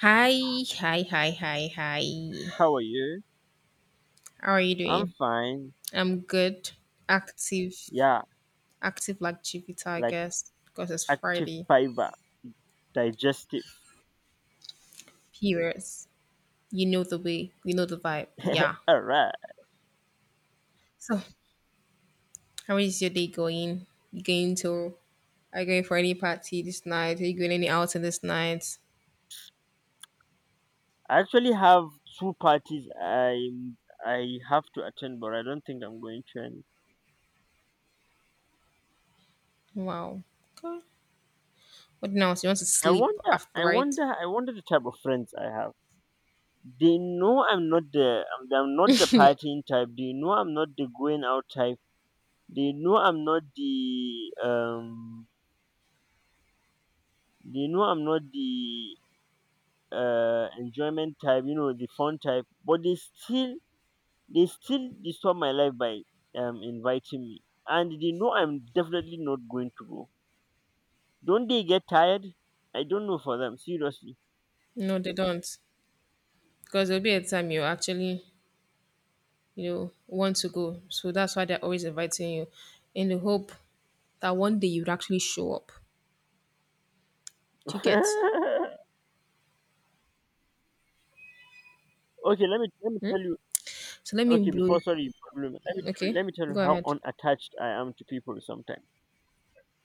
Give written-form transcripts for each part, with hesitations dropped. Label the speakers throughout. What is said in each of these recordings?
Speaker 1: Hi, hi, hi, hi, hi.
Speaker 2: How are you?
Speaker 1: How are you
Speaker 2: I'm
Speaker 1: doing?
Speaker 2: fine.
Speaker 1: I'm good. Active,
Speaker 2: Yeah,
Speaker 1: active like Jupiter, I
Speaker 2: like
Speaker 1: guess, because it's
Speaker 2: active
Speaker 1: Friday.
Speaker 2: fiber, digestive.
Speaker 1: Periods. You know the way. You know the vibe. Yeah.
Speaker 2: Alright.
Speaker 1: So, how is your day going? You going to? Are you going for any party this night? Are you going any outing this night?
Speaker 2: I actually have two parties I have to attend, but I don't think I'm going to any.
Speaker 1: Wow. Okay. What now? So you want to
Speaker 2: I
Speaker 1: sleep
Speaker 2: wonder,
Speaker 1: after,
Speaker 2: I
Speaker 1: right?
Speaker 2: wonder, I wonder the type of friends I have. They know I'm not the partying type. They know I'm not the going out type. They know I'm not the, um, they know I'm not the enjoyment type. You know, the fun type. But they still disturb my life by inviting me, and they know I'm definitely not going to go. Don't they get tired? I don't know for them, seriously.
Speaker 1: No, they don't, because there'll be a time you actually want to go. So that's why they're always inviting you in the hope that one day you'd actually show up. Do you get?
Speaker 2: Okay, let me
Speaker 1: Hmm?
Speaker 2: tell you.
Speaker 1: So let me
Speaker 2: Okay,
Speaker 1: blow.
Speaker 2: before sorry, problem. Let me tell,
Speaker 1: Okay,
Speaker 2: let me tell you
Speaker 1: go
Speaker 2: how
Speaker 1: ahead.
Speaker 2: unattached I am to people sometimes.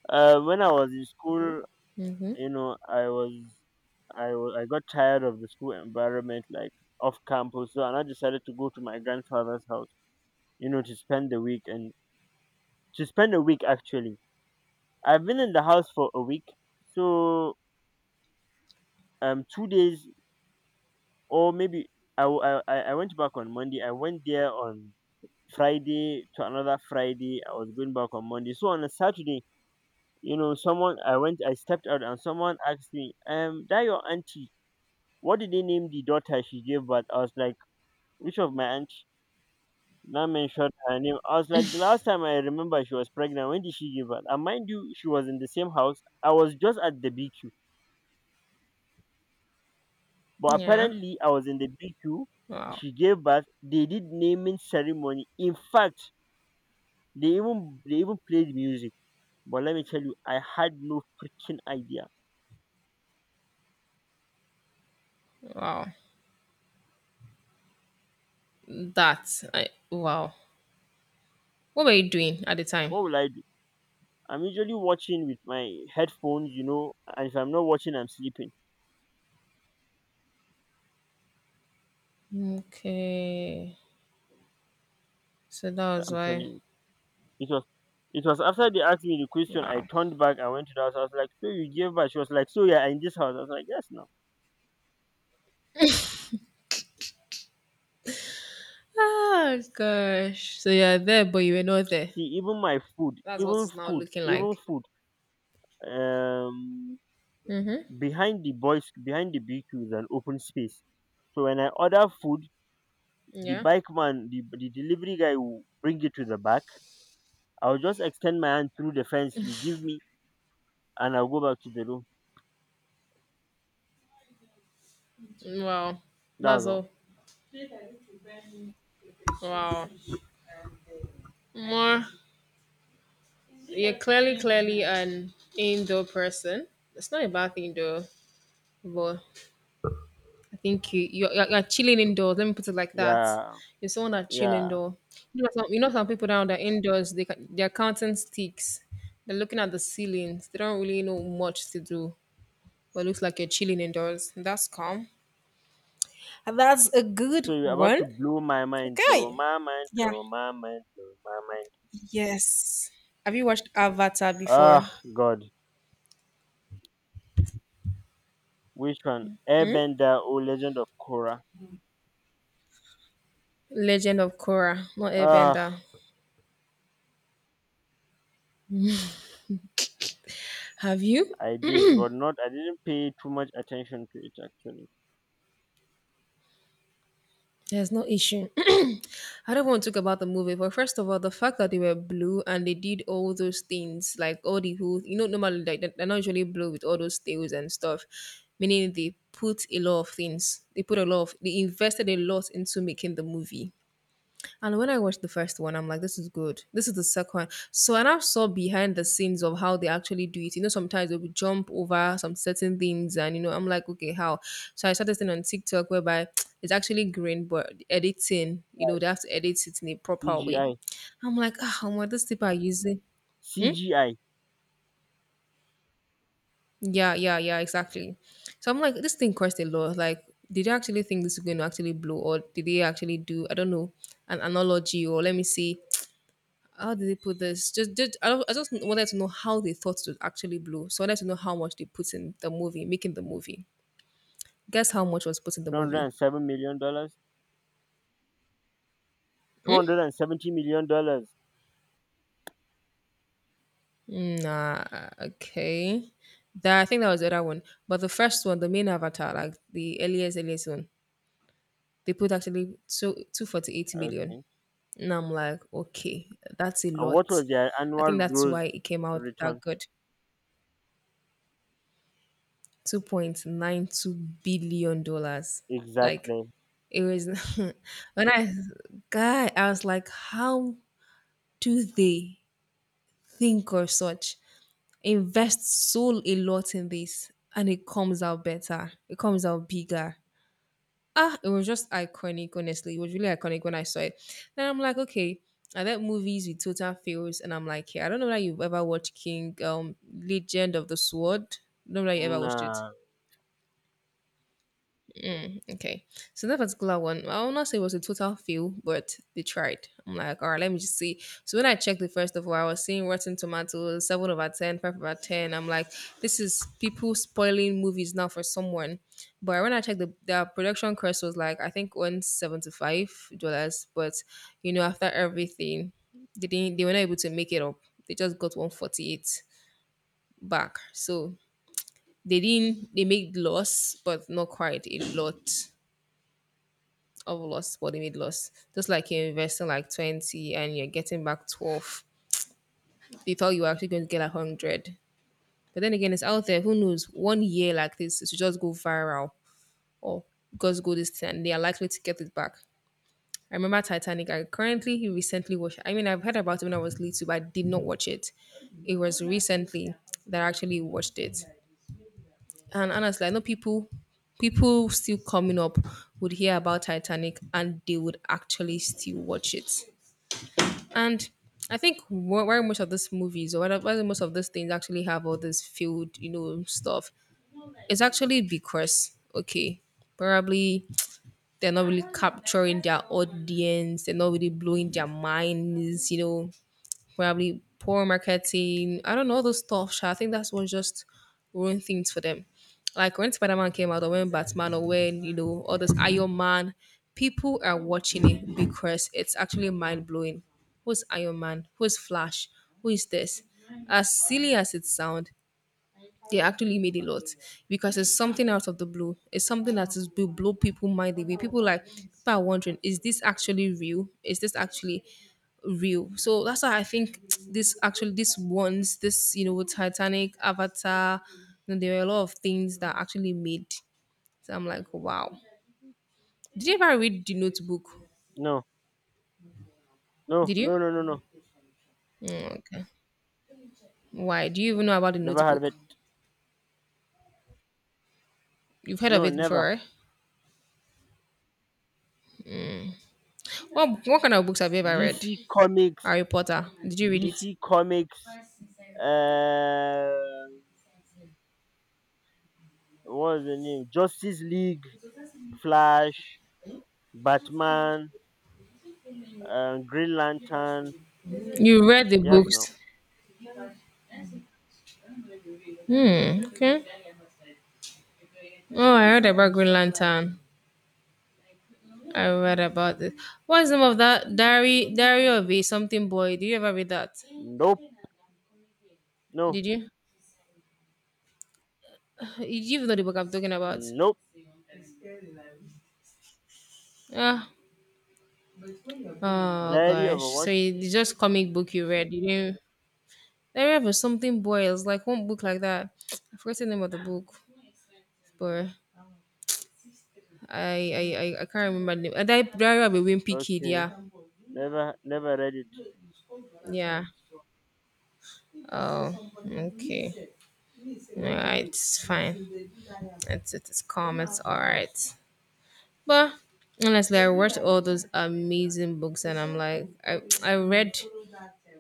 Speaker 2: When I was in school,
Speaker 1: Mm-hmm.
Speaker 2: you know, I got tired of the school environment, like off campus, so and I decided to go to my grandfather's house, you know, to spend a week actually. I've been in the house for a week, so 2 days or maybe I went back on Monday. I went there on Friday to another Friday. I was going back on Monday. So on a Saturday, you know, someone I went I stepped out and someone asked me, that your auntie, what did they name the daughter she gave birth? I was like, which of my auntie? Now mentioned her name. I was like, the last time I remember she was pregnant, when did she give birth? And mind you, she was in the same house. I was just at the BQ. But
Speaker 1: Yeah.
Speaker 2: apparently, I was in the BQ.
Speaker 1: Wow.
Speaker 2: She gave birth. They did naming ceremony. In fact, they even played music. But let me tell you, I had no freaking idea.
Speaker 1: Wow. That. I, wow. What were you doing at the time?
Speaker 2: What will I do? I'm usually watching with my headphones, you know, and if I'm not watching, I'm sleeping.
Speaker 1: Okay. So that was
Speaker 2: I'm telling
Speaker 1: why.
Speaker 2: you, it was after they asked me the question. I
Speaker 1: Wow.
Speaker 2: turned back. I went to the house. I was like, "So you gave birth?" She was like, "So yeah, in this house." I was like, "Yes, now."
Speaker 1: Oh gosh. So you're there, but you were not there.
Speaker 2: See, even my food,
Speaker 1: That's what
Speaker 2: even
Speaker 1: it's now
Speaker 2: food,
Speaker 1: looking
Speaker 2: even
Speaker 1: like.
Speaker 2: food. Um,
Speaker 1: Mm-hmm.
Speaker 2: Behind the BQ is an open space. So when I order food, the
Speaker 1: Yeah.
Speaker 2: the delivery guy will bring it to the back. I'll just extend my hand through the fence. You give me, and I'll go back to the room.
Speaker 1: Wow.
Speaker 2: That's
Speaker 1: That's
Speaker 2: all.
Speaker 1: all. Wow. More. You're clearly, clearly an indoor person. It's not a bad thing though, but I think you're chilling indoors. Let me put it like that.
Speaker 2: Yeah,
Speaker 1: You're someone that chill
Speaker 2: yeah.
Speaker 1: indoor. You know some people down there indoors. They're counting sticks. They're looking at the ceilings. They don't really know much to do. But it looks like you're chilling indoors. That's calm. That's a good
Speaker 2: So you're about
Speaker 1: one.
Speaker 2: to blow my mind, blow
Speaker 1: Okay.
Speaker 2: my mind,
Speaker 1: Yeah.
Speaker 2: blow my mind, blow my mind.
Speaker 1: Yes. Have you watched Avatar before?
Speaker 2: Ah, God, which one?
Speaker 1: Hmm?
Speaker 2: Airbender or Legend of Korra?
Speaker 1: Legend of Korra, not
Speaker 2: Ah,
Speaker 1: Airbender. Have you?
Speaker 2: I didn't pay too much attention to it actually.
Speaker 1: There's no issue. I don't want to talk about the movie, but first of all, the fact that they were blue and they did all those things, like all the who you know, normally like they're not usually blue with all those tails and stuff. Meaning they put a lot of things. They invested a lot into making the movie. And when I watched the first one, I'm like, this is good. This is the second. So, and I saw behind the scenes of how they actually do it. Sometimes they would jump over some certain things, and I'm like, okay, how? So I started this thing on TikTok whereby it's actually green, but editing, they have to edit it in a proper way.
Speaker 2: CGI.
Speaker 1: I'm like, ah, what this people are using? Hmm?
Speaker 2: CGI.
Speaker 1: Yeah, yeah, yeah, exactly. So I'm like, this thing cost a lot. Like, did they actually think this is going to actually blow, or did they actually do, I don't know, an analogy, or let me see how did they put this? Just I, don't- I just wanted to know how they thought to actually blow. So I wanted to know how much they put in the movie, making the movie. Guess how much was put in the movie?
Speaker 2: $207 million dollars? $270 million dollars.
Speaker 1: Nah, okay. That I think that was the other one, but the first one, the main Avatar, like the earliest one, they put actually so 248 million.
Speaker 2: Okay.
Speaker 1: And I'm like, okay, that's a
Speaker 2: And what
Speaker 1: lot.
Speaker 2: was their
Speaker 1: I think
Speaker 2: annual
Speaker 1: that's
Speaker 2: gross
Speaker 1: why it came out that
Speaker 2: return?
Speaker 1: good. $2.92 billion, like
Speaker 2: Exactly.
Speaker 1: it was. When I, god, I was like, how do they think of such, invest so a lot in this, and it comes out better, it comes out bigger. Ah, it was just iconic, honestly. It was really iconic when I saw it. Then I'm like, okay, I bet movies with total fails, and I'm like, yeah, I don't know that you've ever watched King Legend of the Sword. Don't know that you ever watched it.
Speaker 2: No.
Speaker 1: Okay. So that particular one, I will not say it was a total fail, but they tried. I'm like, all right, let me just see. So when I checked it first of all, I was seeing Rotten Tomatoes, 7 over 10, five 5 over 10. I'm like, this is people spoiling movies now for someone. But when I checked the production cost was like, I think $175. But, after everything, they didn't, they were not able to make it up. They just got 148 back. So they didn't, they made loss, but not quite a lot of loss, body they made loss. Just like you're investing like 20 and you're getting back 12. You thought you were actually going to get like 100. But then again, it's out there. Who knows? One year like this, it should just go viral or just go this thing and they are likely to get it back. I remember Titanic. I currently recently watched. I mean, I've heard about it when I was little, but I did not watch it. It was recently that I actually watched it. And honestly, I know people still coming up would hear about Titanic and they would actually still watch it. And I think where most of these movies or where most of these things actually have all this field, stuff, it's actually because, okay, probably they're not really capturing their audience, they're not really blowing their minds, probably poor marketing. I don't know all those stuff, sha. I think that's what just ruined things for them. Like when Spider Man came out, or when Batman, or when all this Iron Man, people are watching it because it's actually mind blowing. Who's Iron Man? Who's Flash? Who is this? As silly as it sounds, they actually made a lot because it's something out of the blue. It's something that is will blow people mind away. People like people are wondering, is this actually real? Is this actually real? So that's why I think this actually this ones this Titanic, Avatar, there were a lot of things that actually made. So I'm like, wow. Did you ever read the Notebook?
Speaker 2: No. No.
Speaker 1: Did you?
Speaker 2: No. No. No. No.
Speaker 1: Mm, okay. Why? Do you even know about the
Speaker 2: Never heard of
Speaker 1: Notebook?
Speaker 2: it.
Speaker 1: You've heard of
Speaker 2: No.
Speaker 1: it before,
Speaker 2: Never.
Speaker 1: right? What kind of books have you ever read?
Speaker 2: DC Comics.
Speaker 1: Harry Potter. Did you read it?
Speaker 2: DC Comics. Uh, what was the name? Justice League, Flash, Batman, Green Lantern.
Speaker 1: You read the
Speaker 2: Yes. No.
Speaker 1: books? Hmm. Okay. Oh, I heard about Green Lantern. I read about it. What's the name of that diary? Diary of a something boy. Did you ever read that?
Speaker 2: Nope. No.
Speaker 1: Did you? Did you even know the book I'm talking about?
Speaker 2: Nope.
Speaker 1: Ah. Oh
Speaker 2: Diary of
Speaker 1: gosh.
Speaker 2: a
Speaker 1: So
Speaker 2: what?
Speaker 1: it's just comic book you read. You didn't. Diary of a something boy. It was like one book like that. I forgot the name of the book, but I can't remember the name. Diary of a Wimpy Kid.
Speaker 2: Okay.
Speaker 1: Yeah.
Speaker 2: Never. Never read it.
Speaker 1: Yeah. Oh. Okay. Yeah, it's fine. It's calm. It's all right. But honestly, I read all those amazing books, and I'm like, I read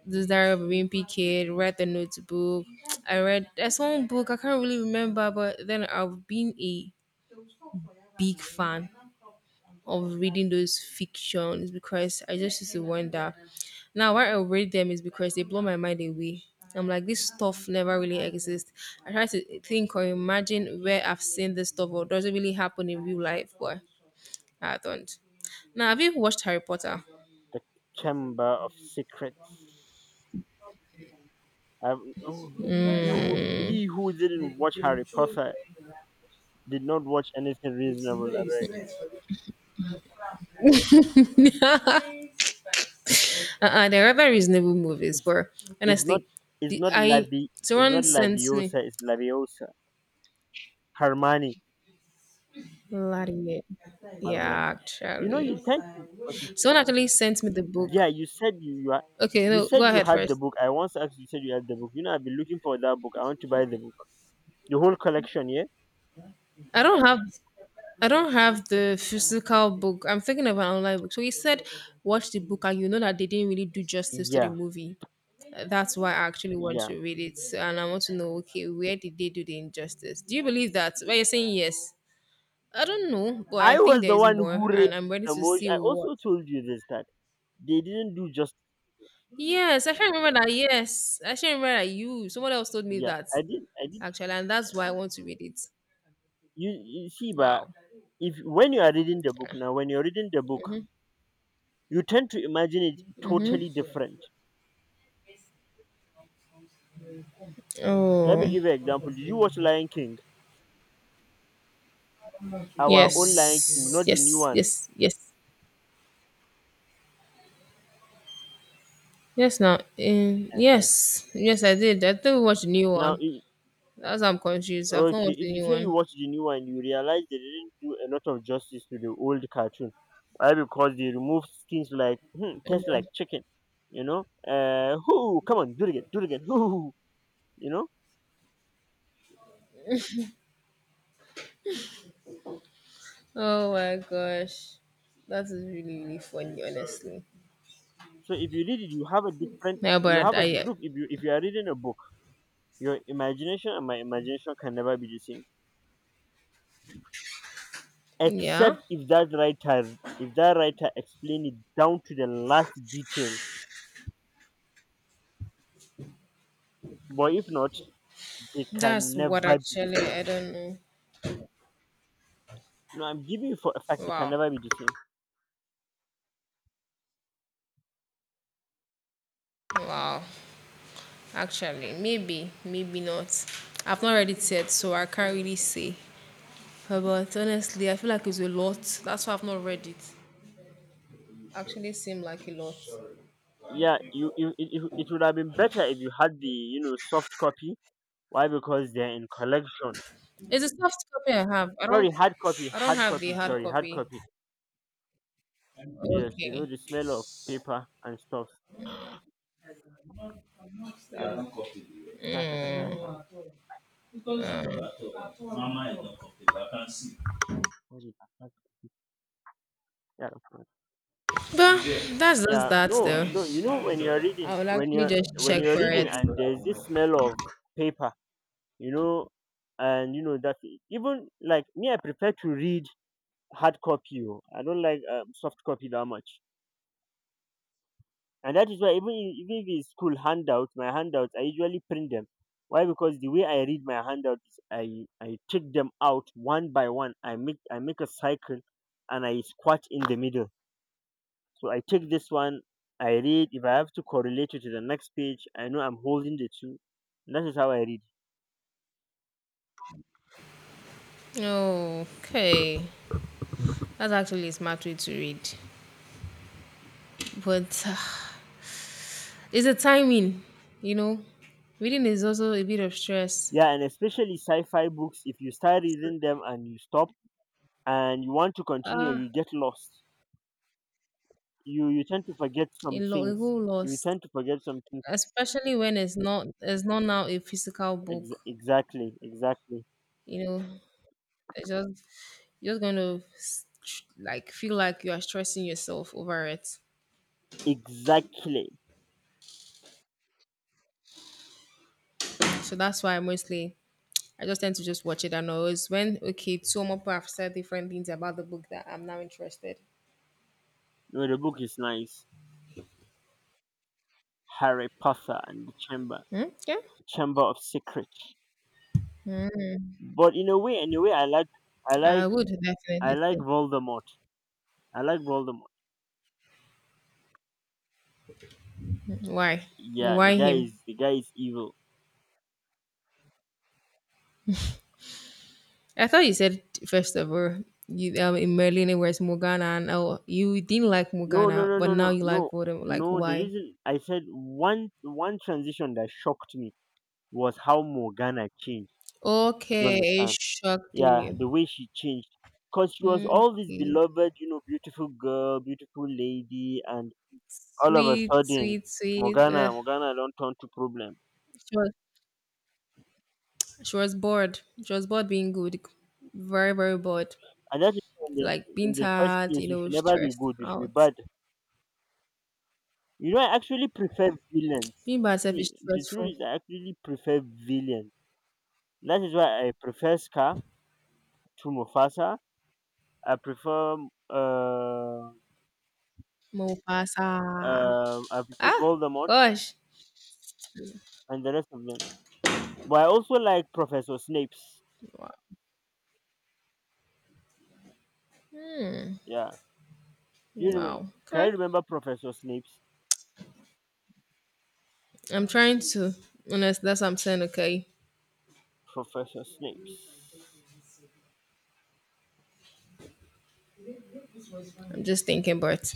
Speaker 1: the Diary of a Wimpy Kid, read the Notebook. I read there's one book I can't really remember, but then I've been a big fan of reading those fiction is because I just used to wonder. Now, why I read them is because they blow my mind away. I'm like, this stuff never really exists. I try to think or imagine where I've seen this stuff or does it really happen in real life, but I don't. Now, have you watched Harry Potter?
Speaker 2: The Chamber of Secrets. I've, oh, he who didn't watch Harry Potter did not watch anything reasonable. I beg.
Speaker 1: Uh-uh, they're rather reasonable movies,
Speaker 2: It's,
Speaker 1: but
Speaker 2: it's not
Speaker 1: honestly,
Speaker 2: it's
Speaker 1: the,
Speaker 2: not
Speaker 1: I
Speaker 2: Lavi it's
Speaker 1: someone
Speaker 2: not
Speaker 1: sent me
Speaker 2: Laviosa, it's Laviosa. Harmani.
Speaker 1: Vladimir.
Speaker 2: Harmani.
Speaker 1: Yeah,
Speaker 2: You know
Speaker 1: actually,
Speaker 2: you tend to — okay,
Speaker 1: someone actually sent me the book.
Speaker 2: yeah, you said you are.
Speaker 1: Okay,
Speaker 2: You
Speaker 1: no,
Speaker 2: said
Speaker 1: go
Speaker 2: you
Speaker 1: ahead
Speaker 2: had the
Speaker 1: first.
Speaker 2: book. I once asked you said you had the book. You know I've been looking for that book. I want to buy the book. The whole collection, yeah?
Speaker 1: I don't have I don't have the physical book. I'm thinking of an online book. So he said, watch the book, and you know that they didn't really do justice to the
Speaker 2: Yeah,
Speaker 1: movie. That's why I actually want
Speaker 2: yeah.
Speaker 1: to read it, and I want to know, okay, where did they do the injustice? Do you believe that? But you're saying yes. I don't know, but I
Speaker 2: I
Speaker 1: think
Speaker 2: was
Speaker 1: there
Speaker 2: the
Speaker 1: is
Speaker 2: one
Speaker 1: more,
Speaker 2: who read
Speaker 1: and I'm ready
Speaker 2: the
Speaker 1: to
Speaker 2: most.
Speaker 1: see
Speaker 2: I
Speaker 1: what.
Speaker 2: also told you this that they didn't do just —
Speaker 1: Yes, I can remember that. Yes, I can remember that. Someone else told me
Speaker 2: yeah,
Speaker 1: that
Speaker 2: I did.
Speaker 1: actually, and that's why I want to read it.
Speaker 2: You see, but
Speaker 1: Wow.
Speaker 2: if when you are reading the book, now when you're reading the book, you tend to imagine it totally
Speaker 1: Mm-hmm.
Speaker 2: different. Let me
Speaker 1: Oh.
Speaker 2: give you an example. Did you watch Lion King? Our own Lion King,
Speaker 1: Yes,
Speaker 2: not the new
Speaker 1: yes,
Speaker 2: one.
Speaker 1: yes, yes, yes. Now,
Speaker 2: uh
Speaker 1: yes, yes, I did. I think we watched the new
Speaker 2: now
Speaker 1: one.
Speaker 2: i-
Speaker 1: That's why I'm confused. I've not
Speaker 2: okay,
Speaker 1: watched the
Speaker 2: if you
Speaker 1: new
Speaker 2: say you
Speaker 1: one.
Speaker 2: watch the new one, you realize they didn't do a lot of justice to the old cartoon. Why? Because they removed things like, hmm, tastes
Speaker 1: Oh
Speaker 2: like chicken, you know, hoo, come on, do it again, do it again, hoo, hoo, hoo, you know.
Speaker 1: oh my gosh, that is really really funny, honestly.
Speaker 2: So if you read it, you have a different.
Speaker 1: Yeah,
Speaker 2: You
Speaker 1: but
Speaker 2: have a di-
Speaker 1: I
Speaker 2: Look. If you are reading a book, your imagination and my imagination can never be the same, except
Speaker 1: yeah,
Speaker 2: if that writer explain it down to the last detail. But if not, they
Speaker 1: that's
Speaker 2: can
Speaker 1: what
Speaker 2: never be the
Speaker 1: actually
Speaker 2: same.
Speaker 1: I don't know.
Speaker 2: No, I'm giving you for a fact they can
Speaker 1: Wow,
Speaker 2: never be the same.
Speaker 1: wow. Actually, maybe, maybe not. I've not read it yet, so I can't really say. But honestly, I feel like it's a lot. That's why I've not read it. Actually seem like a lot.
Speaker 2: Yeah, you it, it it would have been better if you had the, you know, soft copy. Why? Because they're in collections.
Speaker 1: It's a soft copy I have. I don't
Speaker 2: Sorry, hard copy,
Speaker 1: I don't
Speaker 2: hard
Speaker 1: have the
Speaker 2: copy.
Speaker 1: hard
Speaker 2: Sorry, hard
Speaker 1: copy.
Speaker 2: copy. Yes, you know
Speaker 1: Okay.
Speaker 2: the smell of paper and stuff. Yeah,
Speaker 1: Mama is not complete. I can't see. But that's just
Speaker 2: yeah.
Speaker 1: that
Speaker 2: No,
Speaker 1: though.
Speaker 2: no. You
Speaker 1: Mommy's,
Speaker 2: know
Speaker 1: mommy's
Speaker 2: when you're
Speaker 1: daughter. I
Speaker 2: reading,
Speaker 1: will
Speaker 2: when
Speaker 1: actually
Speaker 2: you're
Speaker 1: just
Speaker 2: when
Speaker 1: check
Speaker 2: you're
Speaker 1: for
Speaker 2: reading,
Speaker 1: it.
Speaker 2: and there's this smell of paper, you know, and you know that even like me, I prefer to read hard copy. Oh. I don't like soft copy that much, and that is why even if it's school handouts, my handouts, I usually print them. Why? Because the way I read my handouts is I take them out one by one. I make a cycle, and I squat in the middle. So I take this one, I read. If I have to correlate it to the next page, I know I'm holding the two. That is how I read.
Speaker 1: Okay. That's actually a smart way to read. But it's a timing, you know. Reading is also a bit of stress.
Speaker 2: Yeah, and especially sci fi books, if you start reading them and you stop and you want to continue, you
Speaker 1: Ah,
Speaker 2: get lost. You tend to forget some
Speaker 1: a
Speaker 2: things.
Speaker 1: whole
Speaker 2: You
Speaker 1: loss.
Speaker 2: tend to forget some things.
Speaker 1: Especially when it's not now a physical
Speaker 2: Ex-
Speaker 1: book,
Speaker 2: exactly, exactly,
Speaker 1: you know. It's just you're just going to like feel like you are stressing yourself over it.
Speaker 2: exactly.
Speaker 1: So that's why mostly I just tend to just watch it, and always when okay, two more people have said different things about the book that I'm now interested.
Speaker 2: No, the book is nice. Harry Potter and the Chamber,
Speaker 1: Hmm? Yeah,
Speaker 2: Chamber of Secrets. But I
Speaker 1: I
Speaker 2: like,
Speaker 1: would
Speaker 2: I
Speaker 1: definitely
Speaker 2: like
Speaker 1: say
Speaker 2: Voldemort. I like Voldemort.
Speaker 1: why
Speaker 2: Yeah, the
Speaker 1: why
Speaker 2: guy
Speaker 1: him.
Speaker 2: is the guy is evil.
Speaker 1: I thought you said first of all you in Merlin it was Morgana, and oh you didn't like
Speaker 2: No, no,
Speaker 1: Morgana
Speaker 2: no,
Speaker 1: but
Speaker 2: no, no,
Speaker 1: now you
Speaker 2: no,
Speaker 1: like Voldemort, like
Speaker 2: no, the
Speaker 1: why?
Speaker 2: reason I said — one transition that shocked me was how Morgana changed. You
Speaker 1: Okay, it
Speaker 2: understand?
Speaker 1: shocked
Speaker 2: Yeah,
Speaker 1: you.
Speaker 2: the way she changed, because she was
Speaker 1: Hmm.
Speaker 2: all this
Speaker 1: Okay.
Speaker 2: beloved, you know, beautiful girl, beautiful lady, and all of a
Speaker 1: Sweet,
Speaker 2: sudden,
Speaker 1: sweet, sweet.
Speaker 2: Morgana don't turn to problem.
Speaker 1: She was she was bored. She was bored being good. Very, very bored.
Speaker 2: And that is, in the,
Speaker 1: Like being
Speaker 2: in the first
Speaker 1: tired,
Speaker 2: place
Speaker 1: you
Speaker 2: you
Speaker 1: know,
Speaker 2: should never be
Speaker 1: stressed
Speaker 2: good, you should be
Speaker 1: out.
Speaker 2: bad. You know, I actually prefer villains.
Speaker 1: Being by herself
Speaker 2: See,
Speaker 1: is
Speaker 2: the truth
Speaker 1: stressful.
Speaker 2: is I actually prefer villains. That is why I prefer Scar to Mufasa. I prefer uh,
Speaker 1: Mo pasa. Ah,
Speaker 2: Voldemort
Speaker 1: gosh.
Speaker 2: and the rest of them. But I also like Professor Snape's.
Speaker 1: Wow. Hmm.
Speaker 2: Yeah, you remember?
Speaker 1: Wow.
Speaker 2: Can you
Speaker 1: Okay.
Speaker 2: remember Professor Snape's?
Speaker 1: I'm trying to. Honest, that's what I'm saying. Okay.
Speaker 2: Professor Snape's.
Speaker 1: I'm just thinking, but.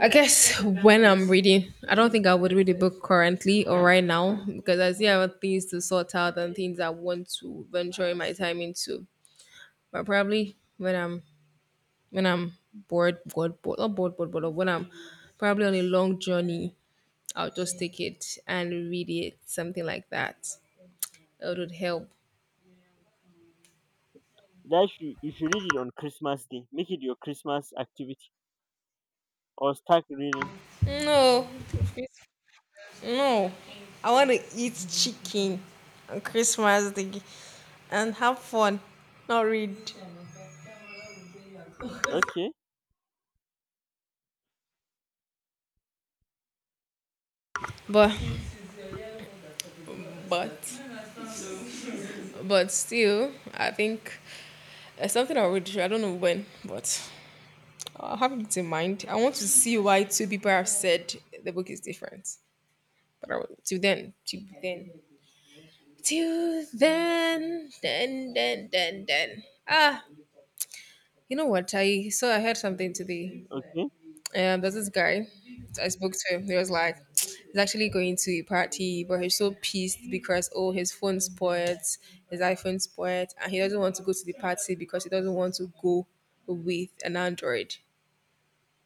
Speaker 1: I guess when I'm reading, I don't think I would read a book currently or right now, because I still have things to sort out and things I want to venture my time into. But probably when I'm bored, not bored, bored, but when I'm probably on a long journey, I'll just take it and read it, something like that. It would help.
Speaker 2: That should, you should read it on Christmas Day. Make it your Christmas activity or start reading.
Speaker 1: No, no, I want to eat chicken on Christmas Day and have fun, not read.
Speaker 2: Okay,
Speaker 1: But But but still, I think it's something I would do. I don't know when, but I'll have it in mind. I want to see why two people have said the book is different. But I will, till then, then. Ah, you know what? I so I heard something today.
Speaker 2: okay.
Speaker 1: There's this guy I spoke to. Him. He was like, he's actually going to a party, but he's so pissed because oh, his phone spoiled, his iPhone spoiled, and he doesn't want to go to the party because he doesn't want to go with an Android.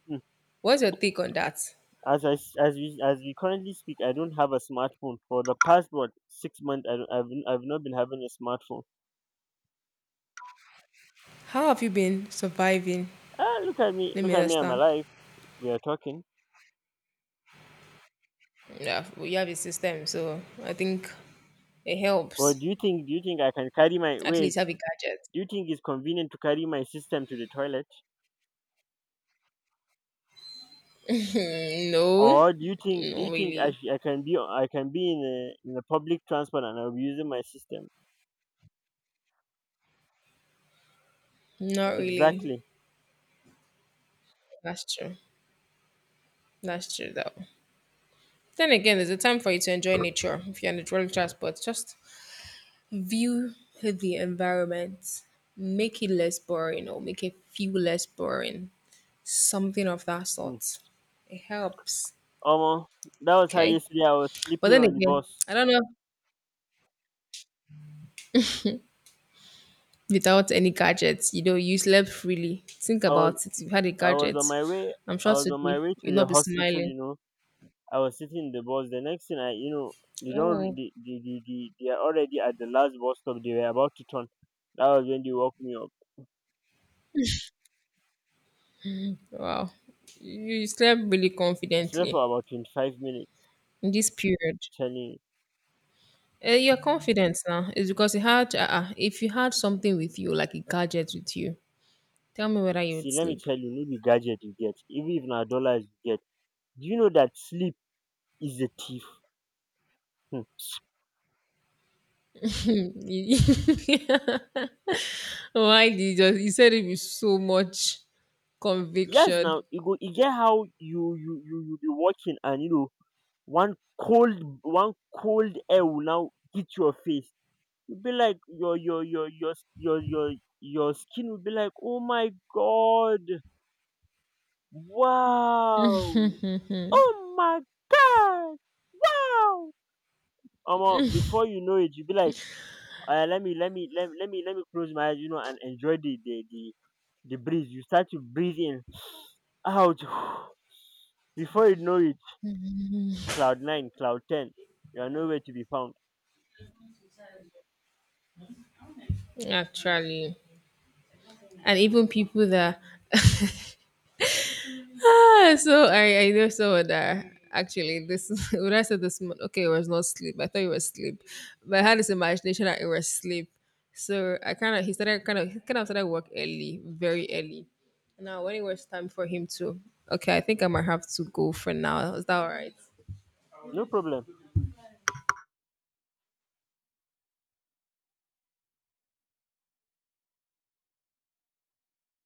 Speaker 2: Hmm.
Speaker 1: What's your take on that?
Speaker 2: As I s As we currently speak, I don't have a smartphone for the past — what — 6 months. I don't, I've not been having a smartphone.
Speaker 1: How have you been surviving?
Speaker 2: Ah,
Speaker 1: Let
Speaker 2: look
Speaker 1: me
Speaker 2: at me and my
Speaker 1: understand.
Speaker 2: life. We are talking.
Speaker 1: Yeah, well, you have a system, so I think it
Speaker 2: But
Speaker 1: helps.
Speaker 2: do you think I can carry my
Speaker 1: At
Speaker 2: weight?
Speaker 1: least have a gadget.
Speaker 2: Do you think it's convenient to carry my system to the toilet,
Speaker 1: Mm, no,
Speaker 2: or do you think, do you
Speaker 1: not
Speaker 2: think
Speaker 1: really.
Speaker 2: I can be in the public transport and I'll be using my system?
Speaker 1: Not really.
Speaker 2: Exactly.
Speaker 1: That's true. That's true, though. Then again, there's a time for you to enjoy nature if you're in the dwelling transport. Just view the environment, make it less boring or make it feel less boring. Something of that
Speaker 2: Hmm.
Speaker 1: sort. It helps.
Speaker 2: Omo, that was how
Speaker 1: Okay.
Speaker 2: yesterday I was
Speaker 1: But
Speaker 2: sleeping
Speaker 1: then
Speaker 2: on the
Speaker 1: again,
Speaker 2: bus.
Speaker 1: I don't know. Without any gadgets, you know, you slept freely. Think
Speaker 2: I was,
Speaker 1: about it. You've had a
Speaker 2: I was
Speaker 1: gadget.
Speaker 2: on my way,
Speaker 1: I'm
Speaker 2: I
Speaker 1: sure
Speaker 2: was on my
Speaker 1: today
Speaker 2: way
Speaker 1: you'll
Speaker 2: to the
Speaker 1: not be
Speaker 2: hospital,
Speaker 1: smiling.
Speaker 2: you know. I was sitting in the bus. The next thing I, you know, they don't, re-
Speaker 1: Oh,
Speaker 2: they are already at the last bus stop. They were about to turn. That was when they woke me up.
Speaker 1: wow. You you slept really
Speaker 2: I slept
Speaker 1: confidently
Speaker 2: for about 25 minutes.
Speaker 1: in this period.
Speaker 2: Telling you,
Speaker 1: Your confidence now is because you had, if you had something with you, like a gadget with you, tell me whether you would
Speaker 2: see, let me
Speaker 1: sleep.
Speaker 2: tell you, no be gadget you get, even if na dollars you get. Do you know that sleep is a thief? Hmm.
Speaker 1: You- Why did you just, you said it with so much
Speaker 2: Yes,
Speaker 1: conviction,
Speaker 2: now you go, you get how you be walking and you know, one cold air will now hit your face. You'll be like your your skin will be like, oh my god, wow, oh my god, wow. Before you know it, you'll be like, let me let me let, me- let me let me close my eyes, you know, and enjoy the breeze. You start to breathe in, out. Before you know it, cloud nine, cloud ten, you are nowhere to be found.
Speaker 1: actually. And even people that Ah, so I know someone that actually this when I said this month, okay, it was not sleep. I thought it was sleep, but I had this imagination that it was sleep. So I kind of he started kind of he kind of started work early, very early. Now when it was time for him to, okay, I think I might have to go for now. Is that all right?
Speaker 2: No problem.